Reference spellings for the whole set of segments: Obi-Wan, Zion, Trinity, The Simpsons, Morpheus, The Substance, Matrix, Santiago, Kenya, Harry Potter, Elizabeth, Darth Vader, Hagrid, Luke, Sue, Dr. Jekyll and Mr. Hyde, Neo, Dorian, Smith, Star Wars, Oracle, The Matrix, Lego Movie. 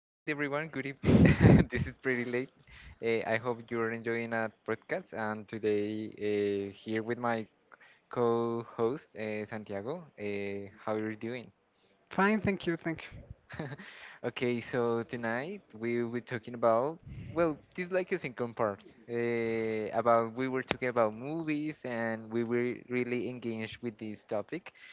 night, everyone. Good evening. This is pretty late. I hope you're enjoying our podcast. And today, here with my co-host, Santiago. How are you doing? Fine, thank you, thank you. Okay, so tonight we'll be talking about, well, this like a second part. About we were talking about movies, and we were really engaged with this topic.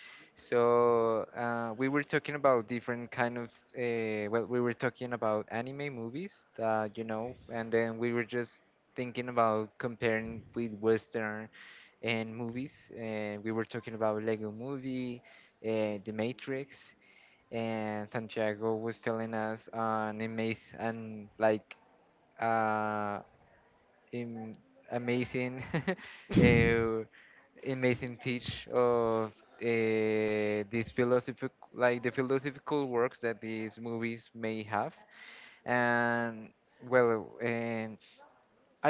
So we were talking about different kind of well, we were talking about anime movies, and then we were just thinking about comparing with Western and movies, and we were talking about Lego Movie, The Matrix, and Santiago was telling us an amazing and like uh, im- amazing uh, amazing teach of these philosophical works that these movies may have, and well, and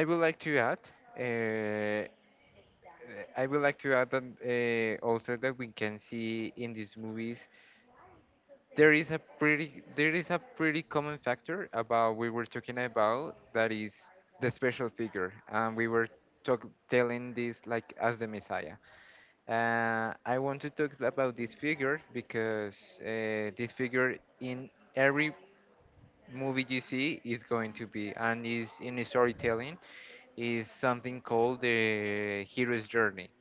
I would like to add, uh, I would like to add on, also that we can see in these movies there is a pretty common factor about we were talking about, that is the special figure, and we were telling this like as the Messiah. I want to talk about this figure, because this figure in every movie you see is going to be, and is in storytelling, is something called the hero's journey.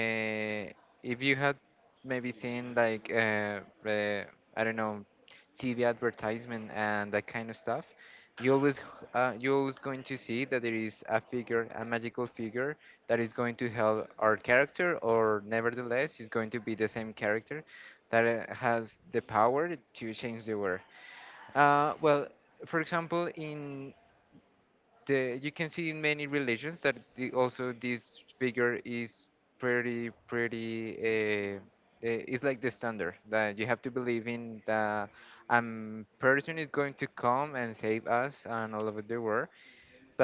uh, if you had maybe seen like uh, I don't know, TV advertisement and that kind of stuff, you always going to see that there is a figure, a magical figure that is going to help our character, or nevertheless is going to be the same character that has the power to change the world. Well, for example, in the you can see in many religions that the, also this figure is pretty, it's like the standard, that you have to believe in that a person is going to come and save us and all over the world.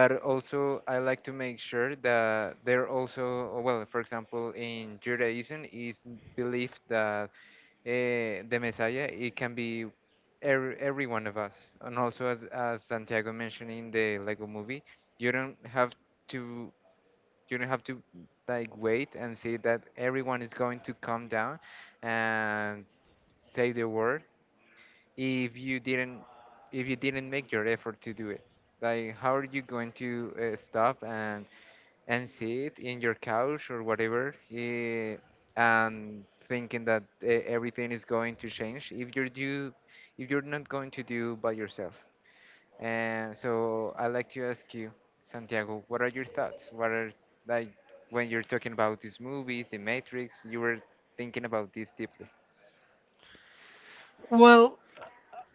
But also, I like to make sure that there also, well, for example, in Judaism, is believed that the Messiah, it can be every one of us. And also, as Santiago mentioned in the Lego movie, you don't have to you don't have to like wait and see that everyone is going to come down and say the word, if you didn't, if you didn't make your effort to do it. Like, how are you going to stop and sit in your couch or whatever, and thinking that everything is going to change if you're not going to do by yourself. And so I like to ask you, Santiago, what are your thoughts? What are, like, when you're talking about these movies, The Matrix, you were thinking about this deeply? Well,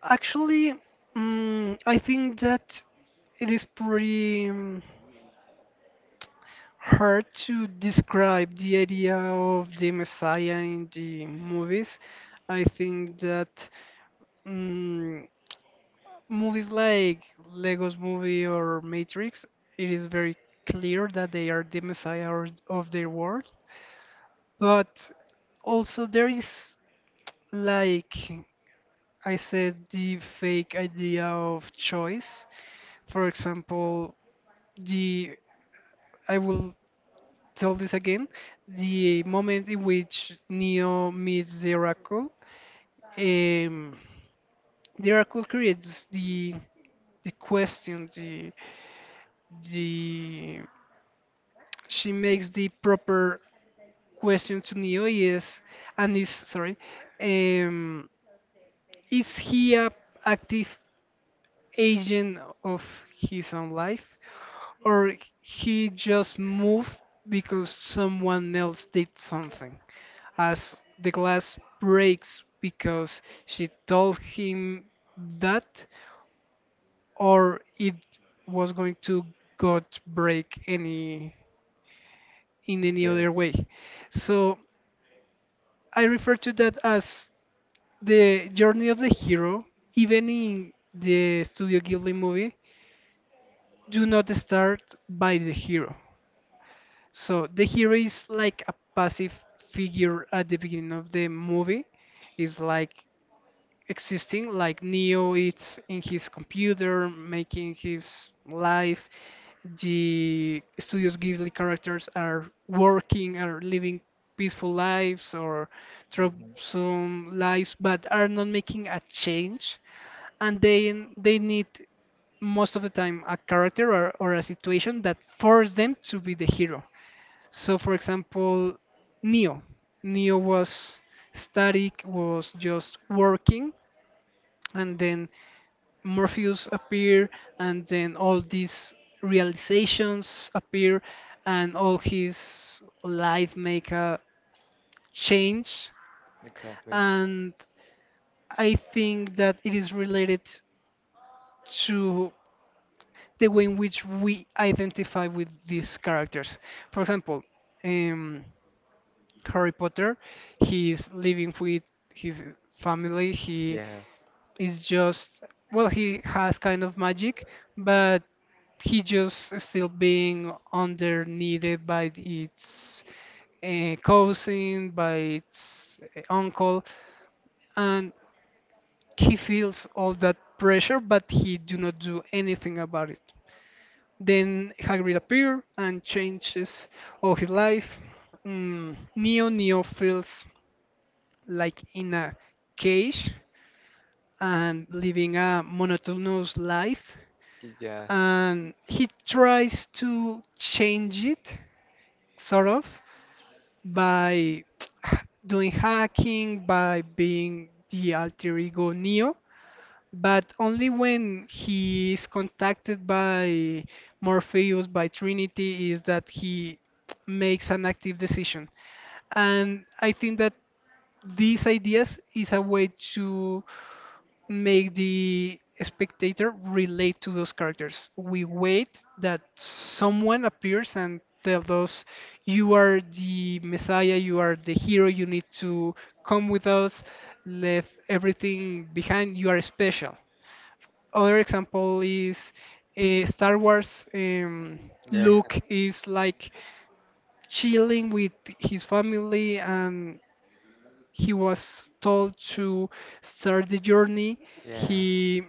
actually, I think that it is pretty hard to describe the idea of the Messiah in the movies. I think that mm, movies like Lego's movie or Matrix, it is very clear that they are the Messiah of their world. But also, there is, like I said, the fake idea of choice. For example, the I will tell this again. The moment in which Neo meets um, the Oracle creates the question. The She makes the proper question to Neo. Yes, and is sorry. Um, is he a active agent of his own life, or he just moved because someone else did something? As the glass breaks because she told him that, or it was going to got break any in any other Yes. way. So I refer to that as the journey of the hero, even in the Studio Ghibli movie, do not start by the hero. So the hero is like a passive figure at the beginning of the movie. It's like existing like Neo, it's in his computer making his life. The Studios Ghibli characters are working, are living peaceful lives or Hmm. troublesome lives, but are not making a change. And then they need most of the time a character or a situation that force them to be the hero. So for example, neo neo was static, was just working, and then Morpheus appear, and then all these realizations appear, and all his life make a change. Exactly. And I think that it is related to the way in which we identify with these characters. For example, um, Harry Potter, he is living with his family. He Yeah. is just, well, he has kind of magic, but he just is still being underneated by its cousin, by its uncle, and he feels all that pressure, but he do not do anything about it. Then Hagrid appears and changes all his life. Neo feels like in a cage and living a monotonous life, yeah and he tries to change it sort of, by doing hacking, by being the alter ego Neo, but only when he is contacted by Morpheus, by Trinity, is that he makes an active decision. And I think that these ideas is a way to make the spectator relate to those characters. We wait that someone appears and tell us, "You are the Messiah. You are the hero. You need to come with us. Leave everything behind. You are special." Other example is Star Wars. Yeah Luke is like chilling with his family and he was told to start the journey. Yeah, He,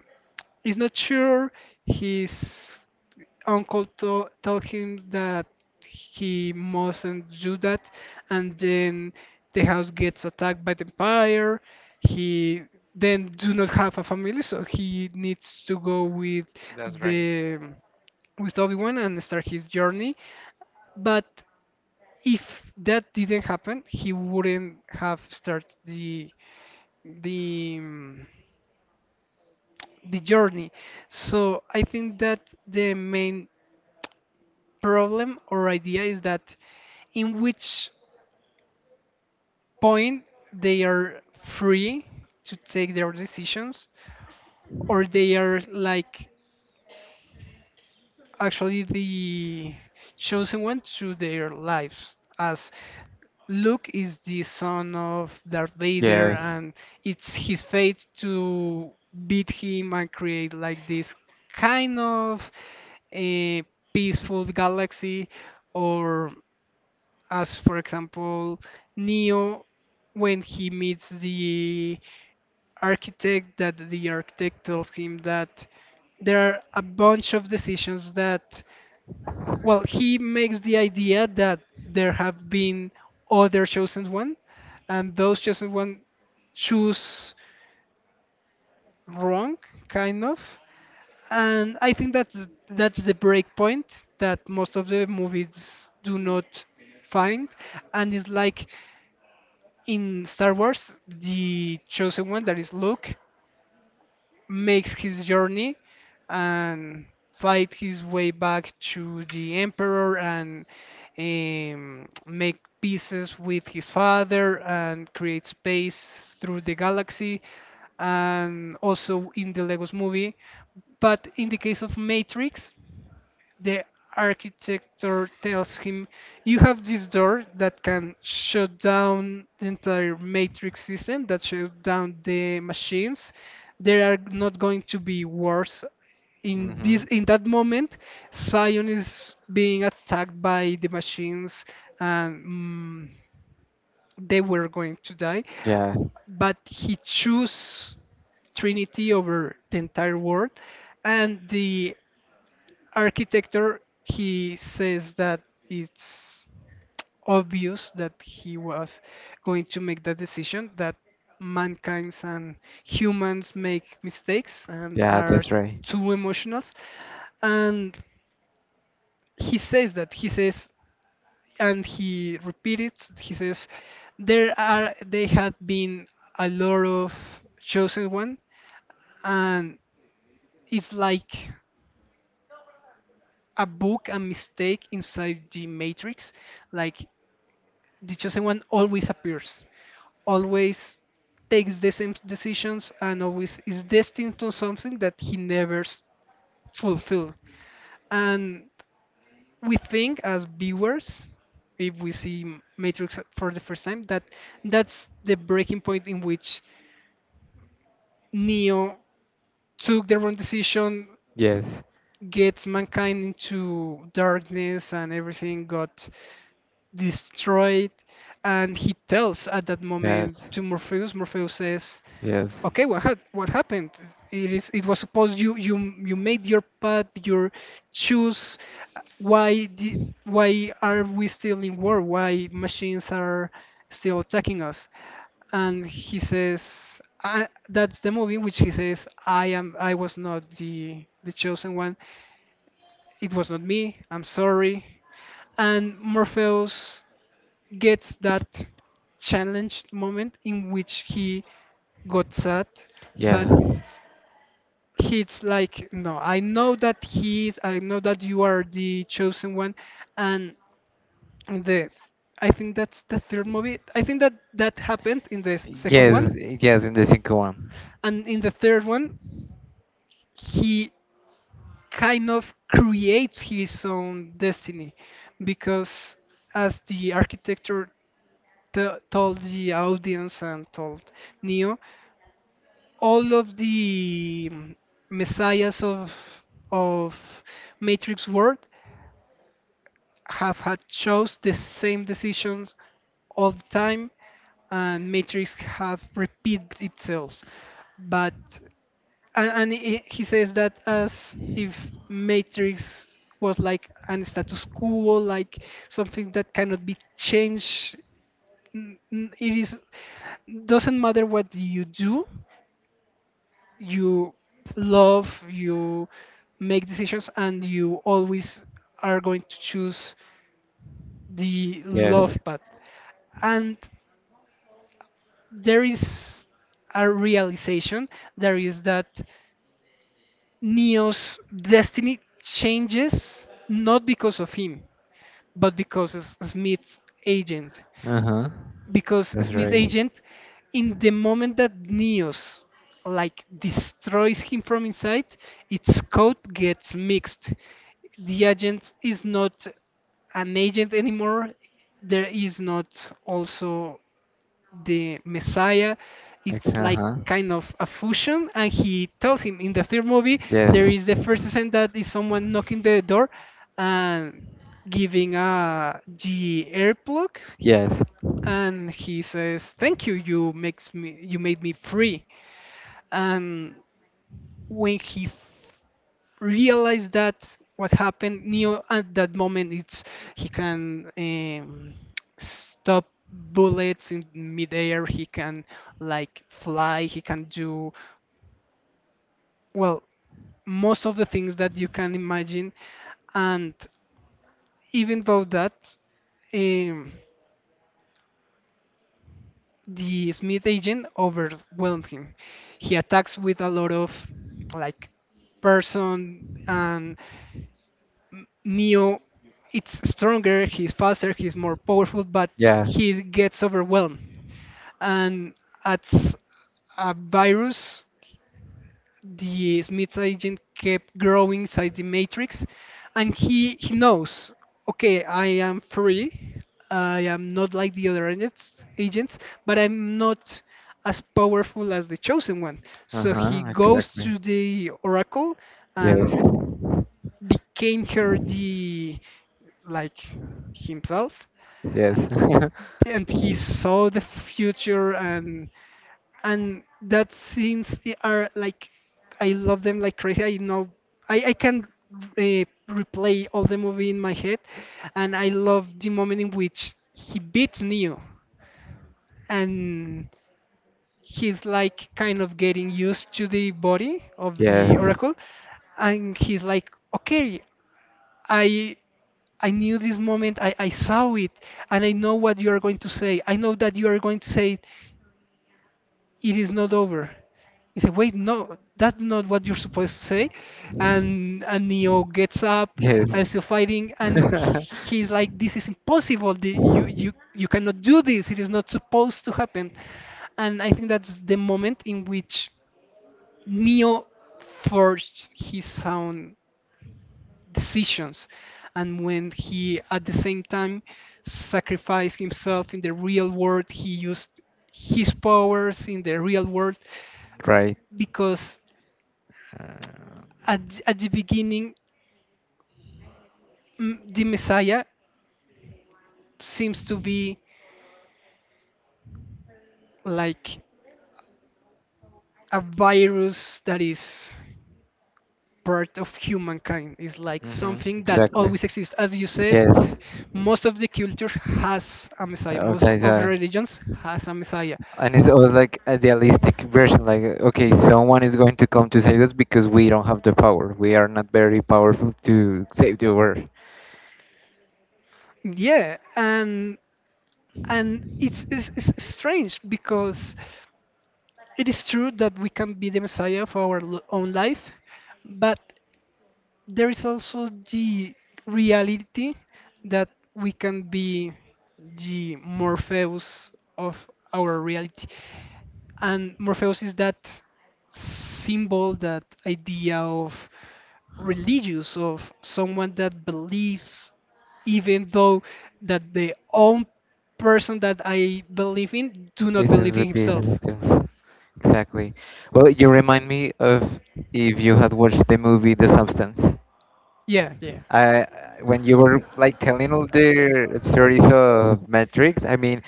he's not sure. His uncle to told him that he mustn't do that, and then the house gets attacked by the empire. He then do not have a family, so he needs to go with that's right. the with Obi-Wan and start his journey. But if that didn't happen, he wouldn't have started the the um, the journey. So I think that the main problem or idea is that in which point they are free to take their decisions, or they are like actually the chosen one to their lives, as Luke is the son of Darth Vader Yes. and it's his fate to beat him and create like this kind of a peaceful galaxy, or as for example Neo when he meets the architect, that the architect tells him that there are a bunch of decisions, that well, he makes the idea that there have been other chosen one, and those chosen one choose wrong kind of. And I think that's the break point that most of the movies do not find. And it's like in Star Wars, the chosen one, that is Luke, makes his journey and fight his way back to the Emperor and make pieces with his father and create space through the galaxy, and also in the Legos movie. But in the case of Matrix, the architect tells him, you have this door that can shut down the entire matrix system, that shut down the machines. They are not going to be wars. In this, Mm-hmm. in that moment, Zion is being attacked by the machines, and they were going to die. Yeah. But he chose Trinity over the entire world, and the architecture, he says that it's obvious that he was going to make that decision, that mankind's and humans make mistakes and Yeah, are that's right. too emotional. And he says that he says, and he repeats. He says, there are they had been a lot of chosen one, and it's like a book, a mistake inside the matrix, like the chosen one always appears, always takes the same decisions, and always is destined to something that he never s- fulfill. And we think as viewers, if we see Matrix for the first time, that that's the breaking point in which Neo took the wrong decision, Yes. gets mankind into darkness, and everything got destroyed. And he tells at that moment Yes. to Morpheus. Morpheus says, Yes. "Okay, what had what happened? It is, it was supposed you you you made your path, your choose. Why di why are we still in war? Why machines are still attacking us?" And he says, I, that's the movie in which he says, I am, I was not the chosen one, it was not me, I'm sorry. And Morpheus gets that challenged moment in which he got sad, Yeah. but he's like, no, I know that he is, I know that you are the chosen one. And the, I think that's the third movie. I think that that happened in the second one, Yes. Yes, in the second one. and in the third one, he kind of creates his own destiny, because as the architecture told the audience and told Neo, all of the messiahs of of Matrix world have had chose the same decisions all the time, and Matrix have repeated itself. But and he says that as if Matrix was like an status quo, like something that cannot be changed. It is, doesn't matter what you do, you love, you make decisions, and you always are going to choose the love Yes. path. And there is a realization, there is that Neo's destiny changes not because of him, but because of Smith's agent. Uh-huh. Because That's Smith right. Agent, in the moment that Neos like destroys him from inside, its code gets mixed. The agent is not an agent anymore. There is not also the Messiah. Like, It's like uh-huh. kind of a fusion. And he tells him in the third movie, there Yes. is the first scene that is someone knocking the door and giving a G earplug, Yes. and he says, "Thank you. You makes me. You made me free." And when realized that what happened, Neo at that moment, it's, he can stop bullets in midair. He can like fly. He can do, well, most of the things that you can imagine. And even though that. Um, The Smith agent overwhelmed him. He attacks with a lot of like person, and Neo it's stronger, he's faster, he's more powerful, but Yeah. he gets overwhelmed. And as a virus, the Smith's agent kept growing inside the matrix, and he knows, okay, I am free, I am not like the other agents, but I'm not as powerful as the chosen one. Uh So he huh. goes Exactly. to the oracle Yes. and became her the like himself, uh, Yes. and he saw the future, and that scenes are like, I love them like crazy. I know, I can replay all the movie in my head, and I love the moment in which he beats Neo, and he's like kind of getting used to the body of the Yes. Oracle, and he's like, okay, I. I knew this moment. I saw it, and I know what you are going to say. I know that you are going to say it is not over. He said, wait, no, that's not what you're supposed to say. And Neo gets up Yes. and still fighting, and he's like, this is impossible. The- You cannot do this. It is not supposed to happen. And I think that's the moment in which Neo forged his own decisions. And when he, at the same time, sacrificed himself in the real world, he used his powers in the real world Right. because Uh, at, at the beginning, the Messiah seems to be like a virus that is part of humankind. It's like hmm. something that Exactly. always exists. As you said, Yes. most of the culture has a Messiah. Most Sometimes, of the religions has a Messiah. and it's always like idealistic version. Like, okay, someone is going to come to save us because we don't have the power. We are not very powerful to save the world. Yeah, and it's strange because it is true that we can be the Messiah of our own life, but there is also the reality that we can be the Morpheus of our reality. And Morpheus is that symbol, that idea of religious, of someone that believes, even though that the own person that I believe in do not This is believe the in big himself. victim. Exactly. Well, you remind me of, if you had watched the movie The Substance. Yeah, yeah. I, when you were like telling all the stories of Matrix, I mean,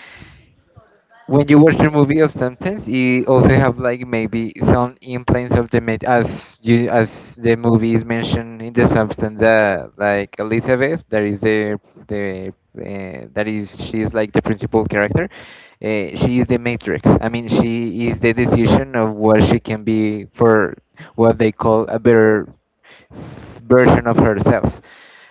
when you watch the movie of sentence, you also have like maybe some implants of the mate as you, as the movie is mentioned in the substance, that like Elizabeth, that is the that is, she is like the principal character. She is the matrix. I mean, she is the decision of what she can be for what they call a better version of herself.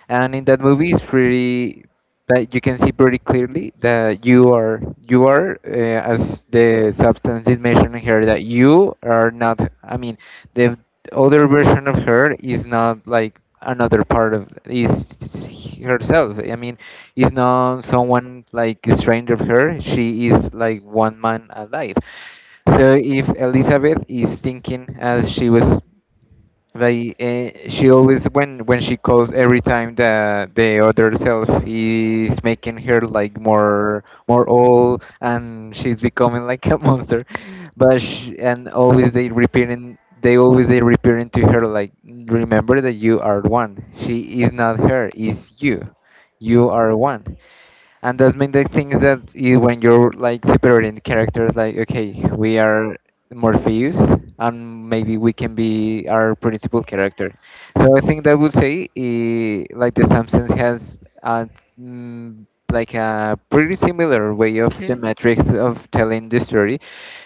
And in that movie it's pretty, that you can see pretty clearly that you are, as the substance is mentioned here, that you are not, I mean, the other version of her is not like another part of, is herself, I mean, is not someone like a stranger of her. She is like one man alive. So if Elizabeth is thinking as she was like, she always, when she calls, every time the other self is making her like more old, and she's becoming like a monster, but she, and always they repeating they always they repeating to her, like, remember that you are one. She is not her, is you. You are one. And that's mean the thing is that you, when you're like separating the characters, like, okay, we are Morpheus, and maybe we can be our principal character. So I think that would say, like, the Simpsons has a, mm, like a pretty similar way of the metrics of telling the story,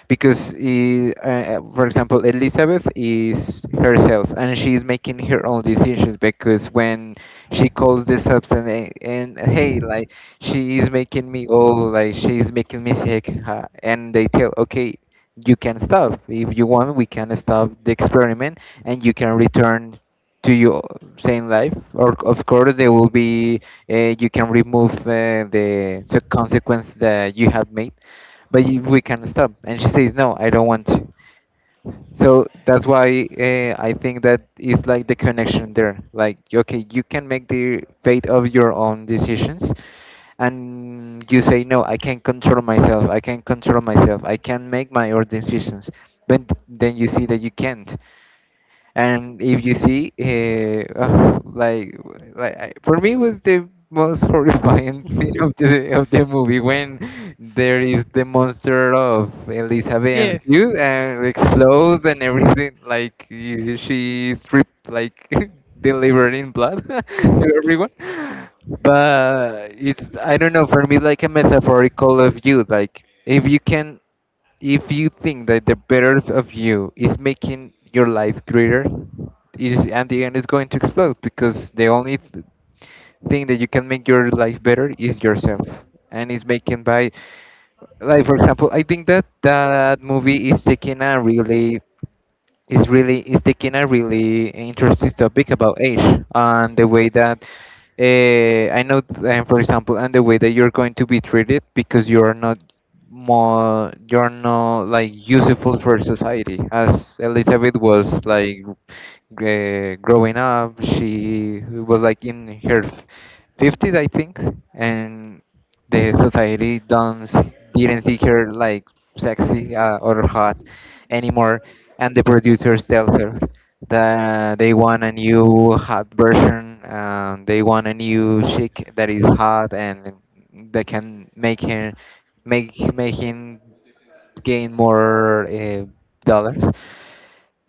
because for example, Elizabeth is herself and she's making her own decisions, because when she calls The up, and hey, like, she is making me, oh, like, she is making me sick, huh? And they tell, okay, you can stop if you want, we can stop the experiment, and you can return to your same life, or of course there will be, you can remove the consequence that you have made, but we can stop, and she says, no, I don't want to. So that's why, I think that it's like the connection there. Like, okay, you can make the fate of your own decisions, and you say, no, I can control myself. I can control myself. I can make my own decisions. But then you see that you can't. And if you see like I, for me it was the most horrifying scene of the movie, when there is the monster of Elizabeth and Yeah. Sue and explodes, and everything like she stripped like delivered in blood to everyone. But it's, I don't know, for me like a metaphorical of you, like, if you think that the better of you is making your life greater, it is, and the end is going to explode, because the only thing that you can make your life better is yourself, and it's making by, like, for example, I think that that movie is taking a really, is taking a really interesting topic about age, and the way that, I know, for example, and the way that you're going to be treated because you are not more, you're not like useful for society, as Elizabeth was like growing up. She was like in her 50s, I think, and the society don't s- didn't see her like sexy or hot anymore, and the producers tell her that they want a new hot version. They want a new chick that is hot and that can make him make make him gain more dollars.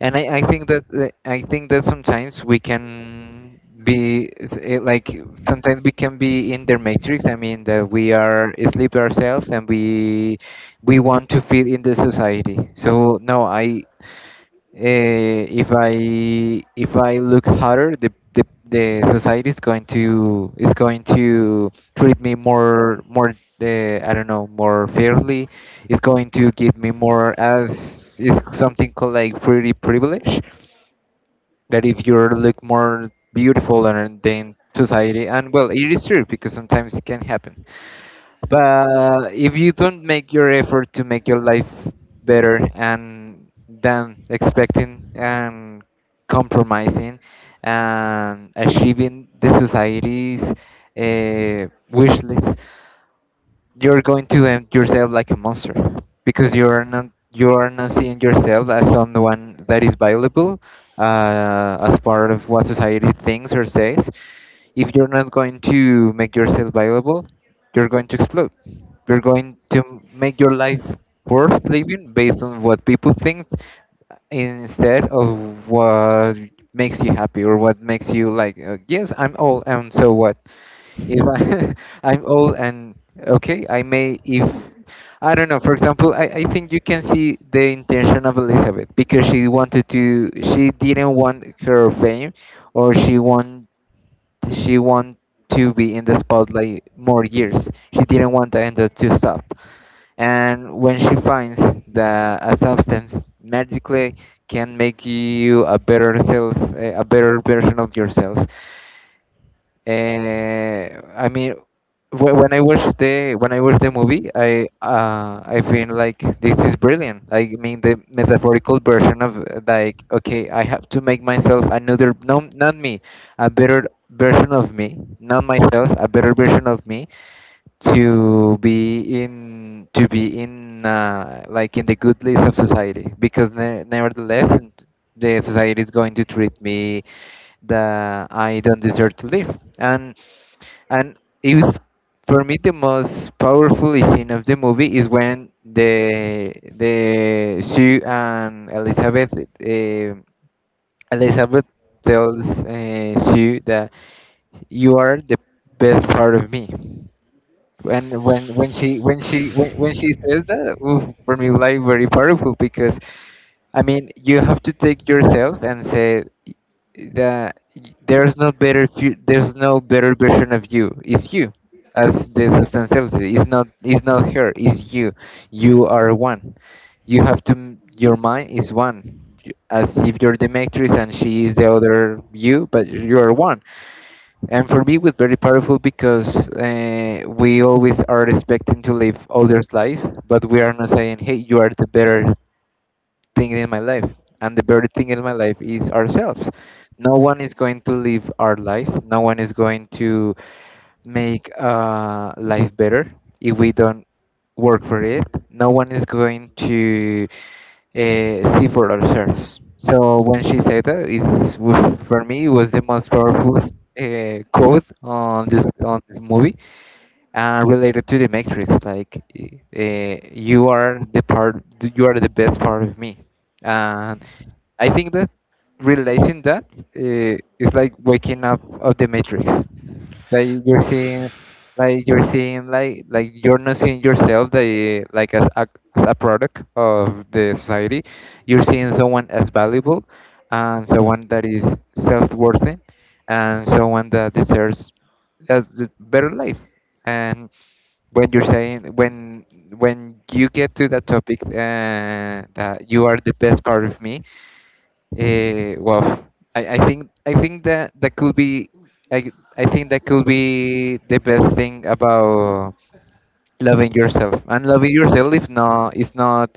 And I think that I think that sometimes we can like, sometimes we can be in their matrix. I mean that we are asleep ourselves, and we want to fit in the society. So no, I, if I, if I look harder, the society is going to, is going to treat me more, I don't know, more fairly. It's going to give me more, as is something called like pretty privilege. That if you look more beautiful and then society, and well, it is true because sometimes it can happen. But if you don't make your effort to make your life better, and than expecting and compromising and achieving the society's wish list, you're going to end yourself like a monster, because you are not, you are not seeing yourself as someone that is valuable, as part of what society thinks or says. If you're not going to make yourself valuable, you're going to explode. You're going to make your life worth living based on what people think instead of what makes you happy, or what makes you like, yes, I'm old, and so what? If I, I'm old, and okay, I may if, I don't know. For example, I think you can see the intention of Elizabeth, because she wanted to. She didn't want her fame, or she want to be in the spotlight more years. She didn't want the end to stop. And when she finds that a substance magically can make you a better self, a better version of yourself, I mean, when I watch the movie, I, I feel like this is brilliant. Like, I mean, the metaphorical version of like, okay, I have to make myself another, no, not me, a better version of me, not myself, a better version of me, to be in like in the good list of society because nevertheless, the society is going to treat me that I don't deserve to live. And it was, for me, the most powerful scene of the movie is when the Sue and Elizabeth tells, Sue, that you are the best part of me. And when she says that, oof, for me, like, very powerful because I mean, you have to take yourself and say that there's no better version of you, it's you. As the substantiality, it's not her, it's you. You are one. You have to your mind is one. As if you're the Matrix and she is the other you, but you are one. And for me, it was very powerful because we always are expecting to live others' life, but we are not saying, "Hey, you are the better thing in my life," and the better thing in my life is ourselves. No one is going to live our life. No one is going to make life better if we don't work for it. No one is going to see for ourselves. So when she said that, is, for me, it was the most powerful quote on this, on the movie, and related to the Matrix. Like, you are the part, you are the best part of me. And I think that realizing that is like waking up of the Matrix, like you're Oof. seeing like you're seeing, like you're not seeing yourself the like as a product of the society. You're seeing someone as valuable, and someone that is self-worthy, and someone that deserves as the better life. And when you're saying when when you get to that topic, that you are the best part of me. Well, I think that that could be I think that could be the best thing about loving yourself. And loving yourself, if not, is not,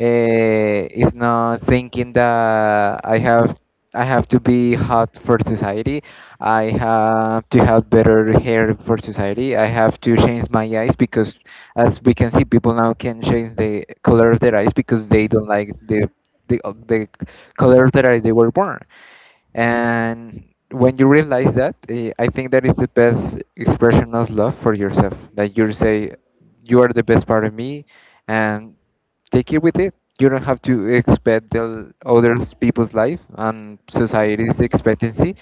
is not thinking that I have, I have to be hot for society, I have to have better hair for society, I have to change my eyes because, as we can see, people now can change the color of their eyes because they don't like the, the color of their eyes they were born. And when you realize that, I think that is the best expression of love for yourself, that you say you are the best part of me and take it with it. You don't have to expect the other people's life and society's expectancy,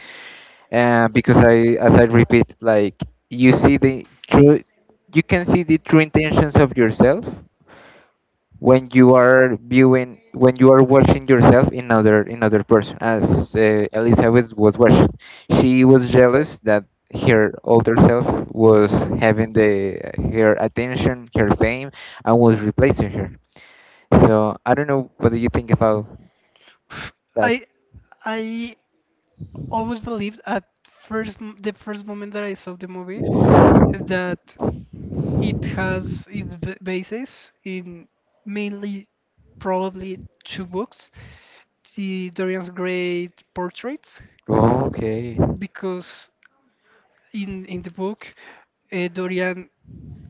and because I, as I repeat, like, you see the true you can see the true intentions of yourself when you are watching yourself in other person, as Elizabeth was watching. She was jealous that her older self was having the her attention, her fame, and was replacing her. So I don't know, what do you think about that? I I always believed at the first moment that I saw the movie that it has its basis in mainly probably two books, the Dorian's great portraits. Oh, okay. Because in the book, Dorian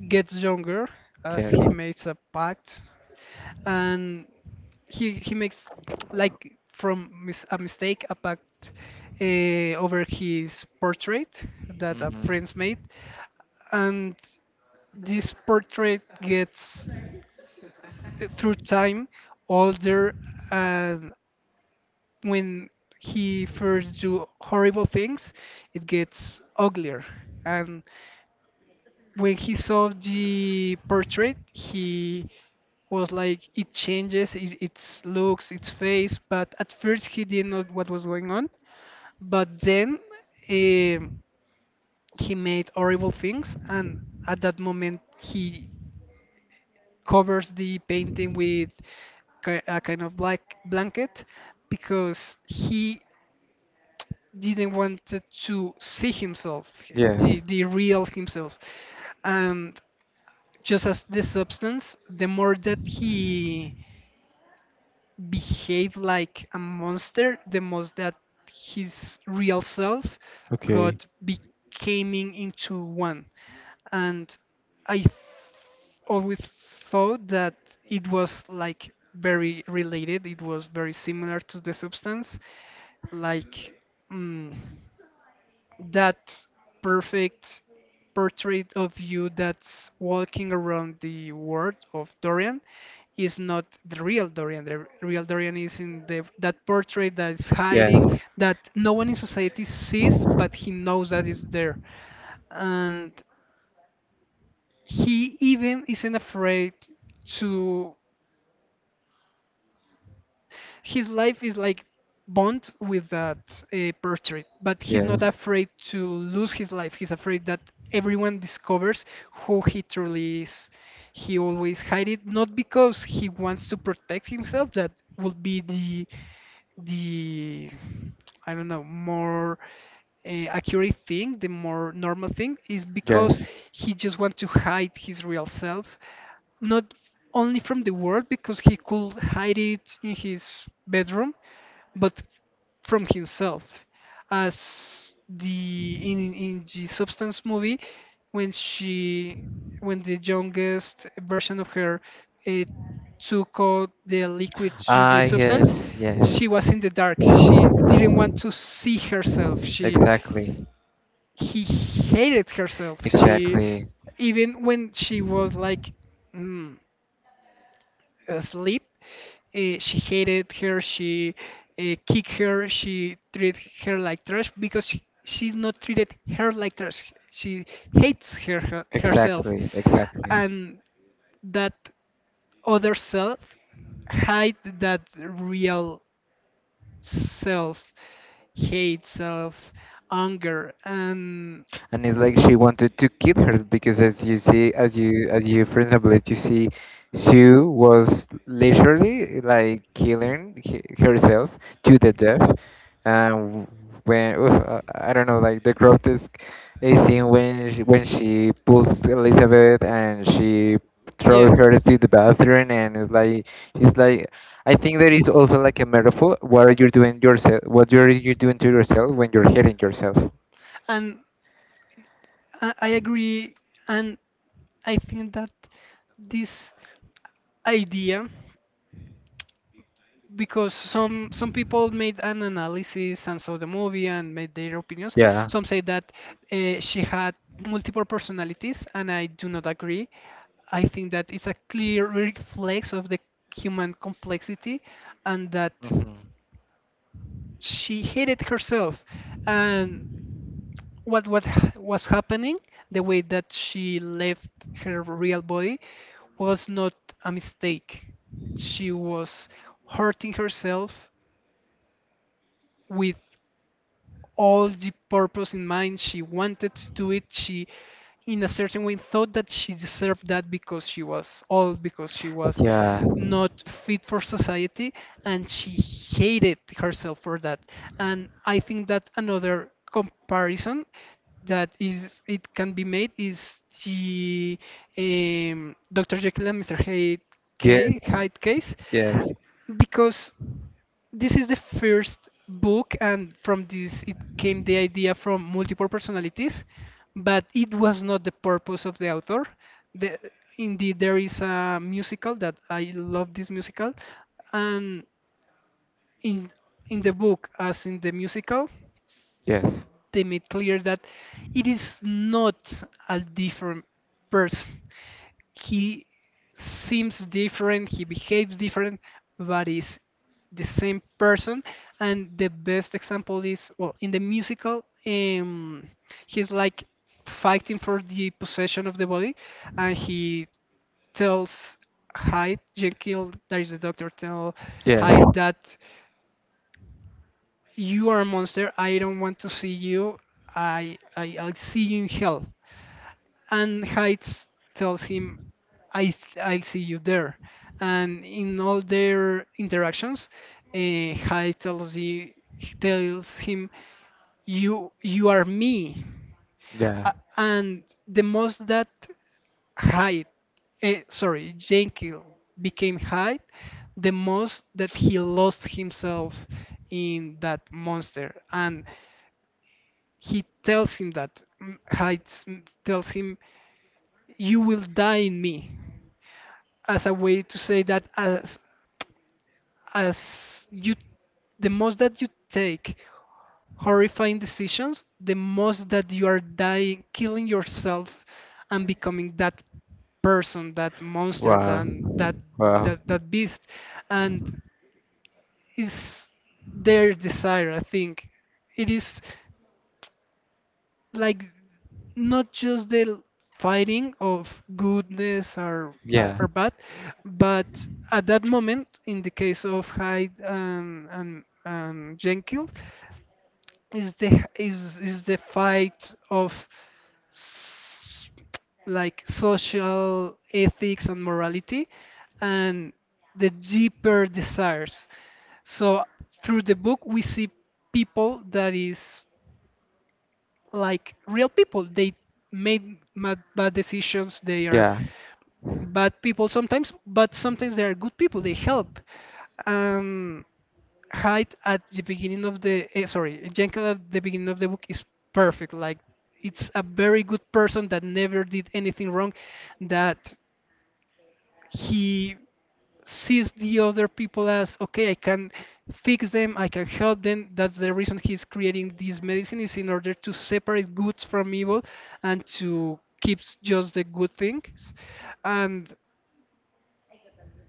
gets younger as he Yes. makes a pact, and he makes, like, from mis a mistake, a pact over his portrait that a Hmm. friend's made, and this portrait gets, through time, older. And when he first do horrible things, it gets uglier. And when he saw the portrait, he was like, it changes it, its looks, its face. But at first, he didn't know what was going on. But then um he made horrible things, and at that moment, he covers the painting with a kind of black blanket because he didn't want to see himself, Yes. the real himself. And just as the substance, the more that he behaved like a monster, the most that his real self Okay. got becoming into one. And I always thought that it was, like, very related, it was very similar to the substance, like. Mm, that perfect portrait of you that's walking around the world of Dorian is not the real Dorian. The real Dorian is in the that portrait that is hiding, Yes. that no one in society sees, but he knows that it's there. And he even isn't afraid to, his life is like bond with that portrait, but he's not Yes. afraid to lose his life. He's afraid that everyone discovers who he truly is. He always hide it, not because he wants to protect himself. That would be the, I don't know, more accurate thing, the more normal thing is because Yes. he just want to hide his real self, not only from the world because he could hide it in his bedroom, but from himself. As the in the Substance movie, when she, when the youngest version of her, uh, took out the liquid to Ah, the substance, yes, yes. she was in the dark. She didn't want to see herself. She Exactly. he hated herself. She Exactly. even when she was like. mm, sleep. She hated her. She kicked her. She treated her like trash because she's not treated her like trash. She hates her herself, Exactly. Exactly. and that other self hide that real self, hate self, anger, and And it's like she wanted to kill her because as you see as you for example as you see Sue was literally like killing herself to the death. And, when, oof, I don't know, like, the grotesque, a scene when she pulls Elizabeth, and she throws Yeah. her to the bathroom, and it's like she's like, I think there is also like a metaphor, what you're doing yourself what you're you doing to yourself when you're hitting yourself. And I agree, and I think that this idea, because some people made an analysis and saw the movie and made their opinions. Yeah. Some say that she had multiple personalities, and I do not agree. I think that it's a clear reflex of the human complexity, and that Hmm. she hated herself, and was happening. The way that she left her real body was not a mistake. She was hurting herself with all the purpose in mind. She wanted to do it. She, in a certain way, thought that she deserved that because she was old, because she was Yeah. not fit for society, and she hated herself for that. And I think that another comparison that is it can be made is the Dr. Jekyll and Mr. Hyde Yes. Hyde case, Yes. because this is the first book and from this it came the idea from multiple personalities, but it was not the purpose of the author. the, Indeed, there is a musical, that I love this musical, and in in the book as in the musical Yes. they made clear that it is not a different person. He seems different, he behaves different, but is the same person. And the best example is, well, in the musical, he's like fighting for the possession of the body, and he tells Hyde, Jekyll, that is the doctor, tell Yes. Hyde that. You are a monster. I don't want to see you. I'll see you in hell. And Heights tells him, "I I'll see you there." And in all their interactions, Heights tells him, you are me. Yeah. And the most that Hyde, sorry, Jekyll became Hyde, the most that he lost himself in that monster. And he tells him that, Hades, tells him, "You will die in me," as a way to say that, as you, the most that you take horrifying decisions, the most that you are dying, killing yourself, and becoming that person, that monster, Wow. than that Wow. that that beast, and is their desire. I think it is. Like not just the fighting of goodness Yeah. or bad, but at that moment, in the case of Hyde and and Jenkins, is the fight of s- like social ethics and morality, and the deeper desires. So through the book, we see people that is like real people. They made mad, bad decisions. They are Yeah. bad people sometimes, but sometimes they are good people. They help. Um, Hyde at the beginning of the sorry, Jenkins at the beginning of the book is perfect. Like it's a very good person that never did anything wrong, that he sees the other people as, okay, I can fix them, I can help them. That's the reason he's creating this medicine, is in order to separate goods from evil and to keep just the good things. And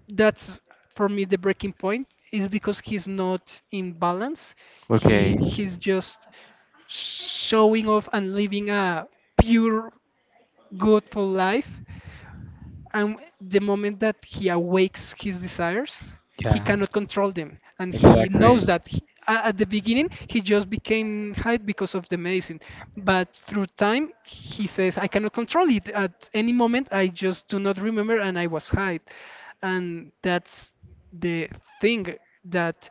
that's, for me, the breaking point, is because he's not in balance. he Okay, he's just showing off and living a pure, goodful life, and the moment that he awakes his desires, he yeah, cannot control them. And he exactly. knows that, at the beginning, he just became high because of the medicine. But through time, he says, I cannot control it. At any moment, I just do not remember and I was high. And that's the thing, that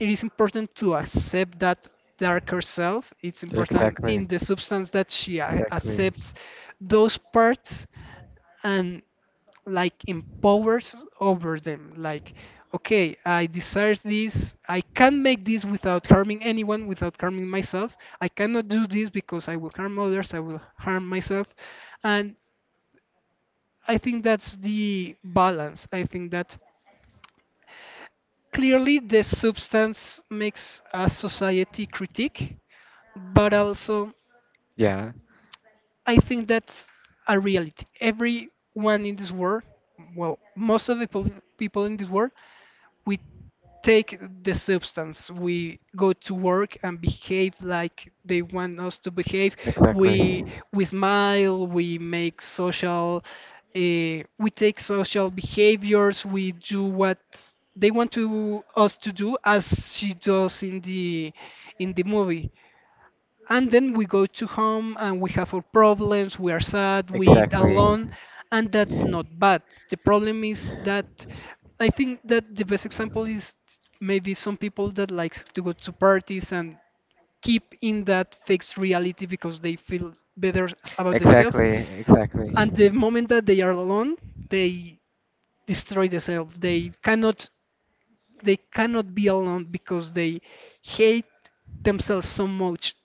it is important to accept that darker self. It's important in Exactly, the substance that she exactly. accepts those parts and, like, empowers over them, like, okay, I desire this, I can make this without harming anyone, without harming myself. I cannot do this because I will harm others, I will harm myself. And I think that's the balance. I think that clearly the substance makes a society critique, but also the Yeah, I think that's a reality. Everyone in this world, well, most of the people in this world, we take the substance, we go to work and behave like they want us to behave. exactly. is my, We you we smile, we make social, uh, we take social behaviors, we do what they want to us to do, as she does in the movie, and then we go to home and we have our problems, we are sad, we Exactly. alone. And that's not bad. The problem is that, I think that the best example is maybe some people that like to go to parties and keep in that fixed reality because they feel better about themselves, Exactly. Exactly. and the moment that they are alone, they destroy themselves. They cannot be alone because they hate themselves so much.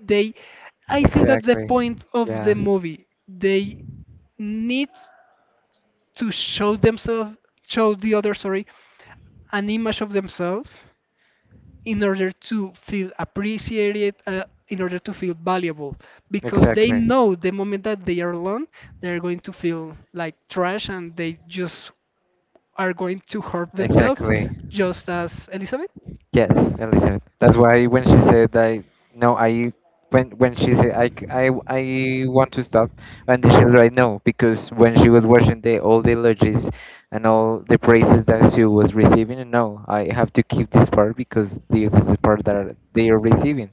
They, I think that's the Exactly. point of Yeah. the movie. They need to show themselves, show the other, sorry, an image of themselves in order to feel appreciated, in order to feel valuable, because they Exactly. know the moment that they are alone, they're going to feel like trash and they just are going to hurt themselves, Exactly. just as Elizabeth. Yes, Elizabeth. That's why when she said that, no, I, when she said, I, c- I w- I want to stop. And then she was like, no, because when she was watching the all the eulogies and all the praises that she was receiving, no, I have to keep this part because this is the part that they are receiving.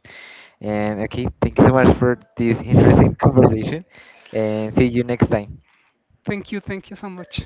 And okay, thank you so much for this interesting conversation, and see you next time. Thank you. Thank you so much.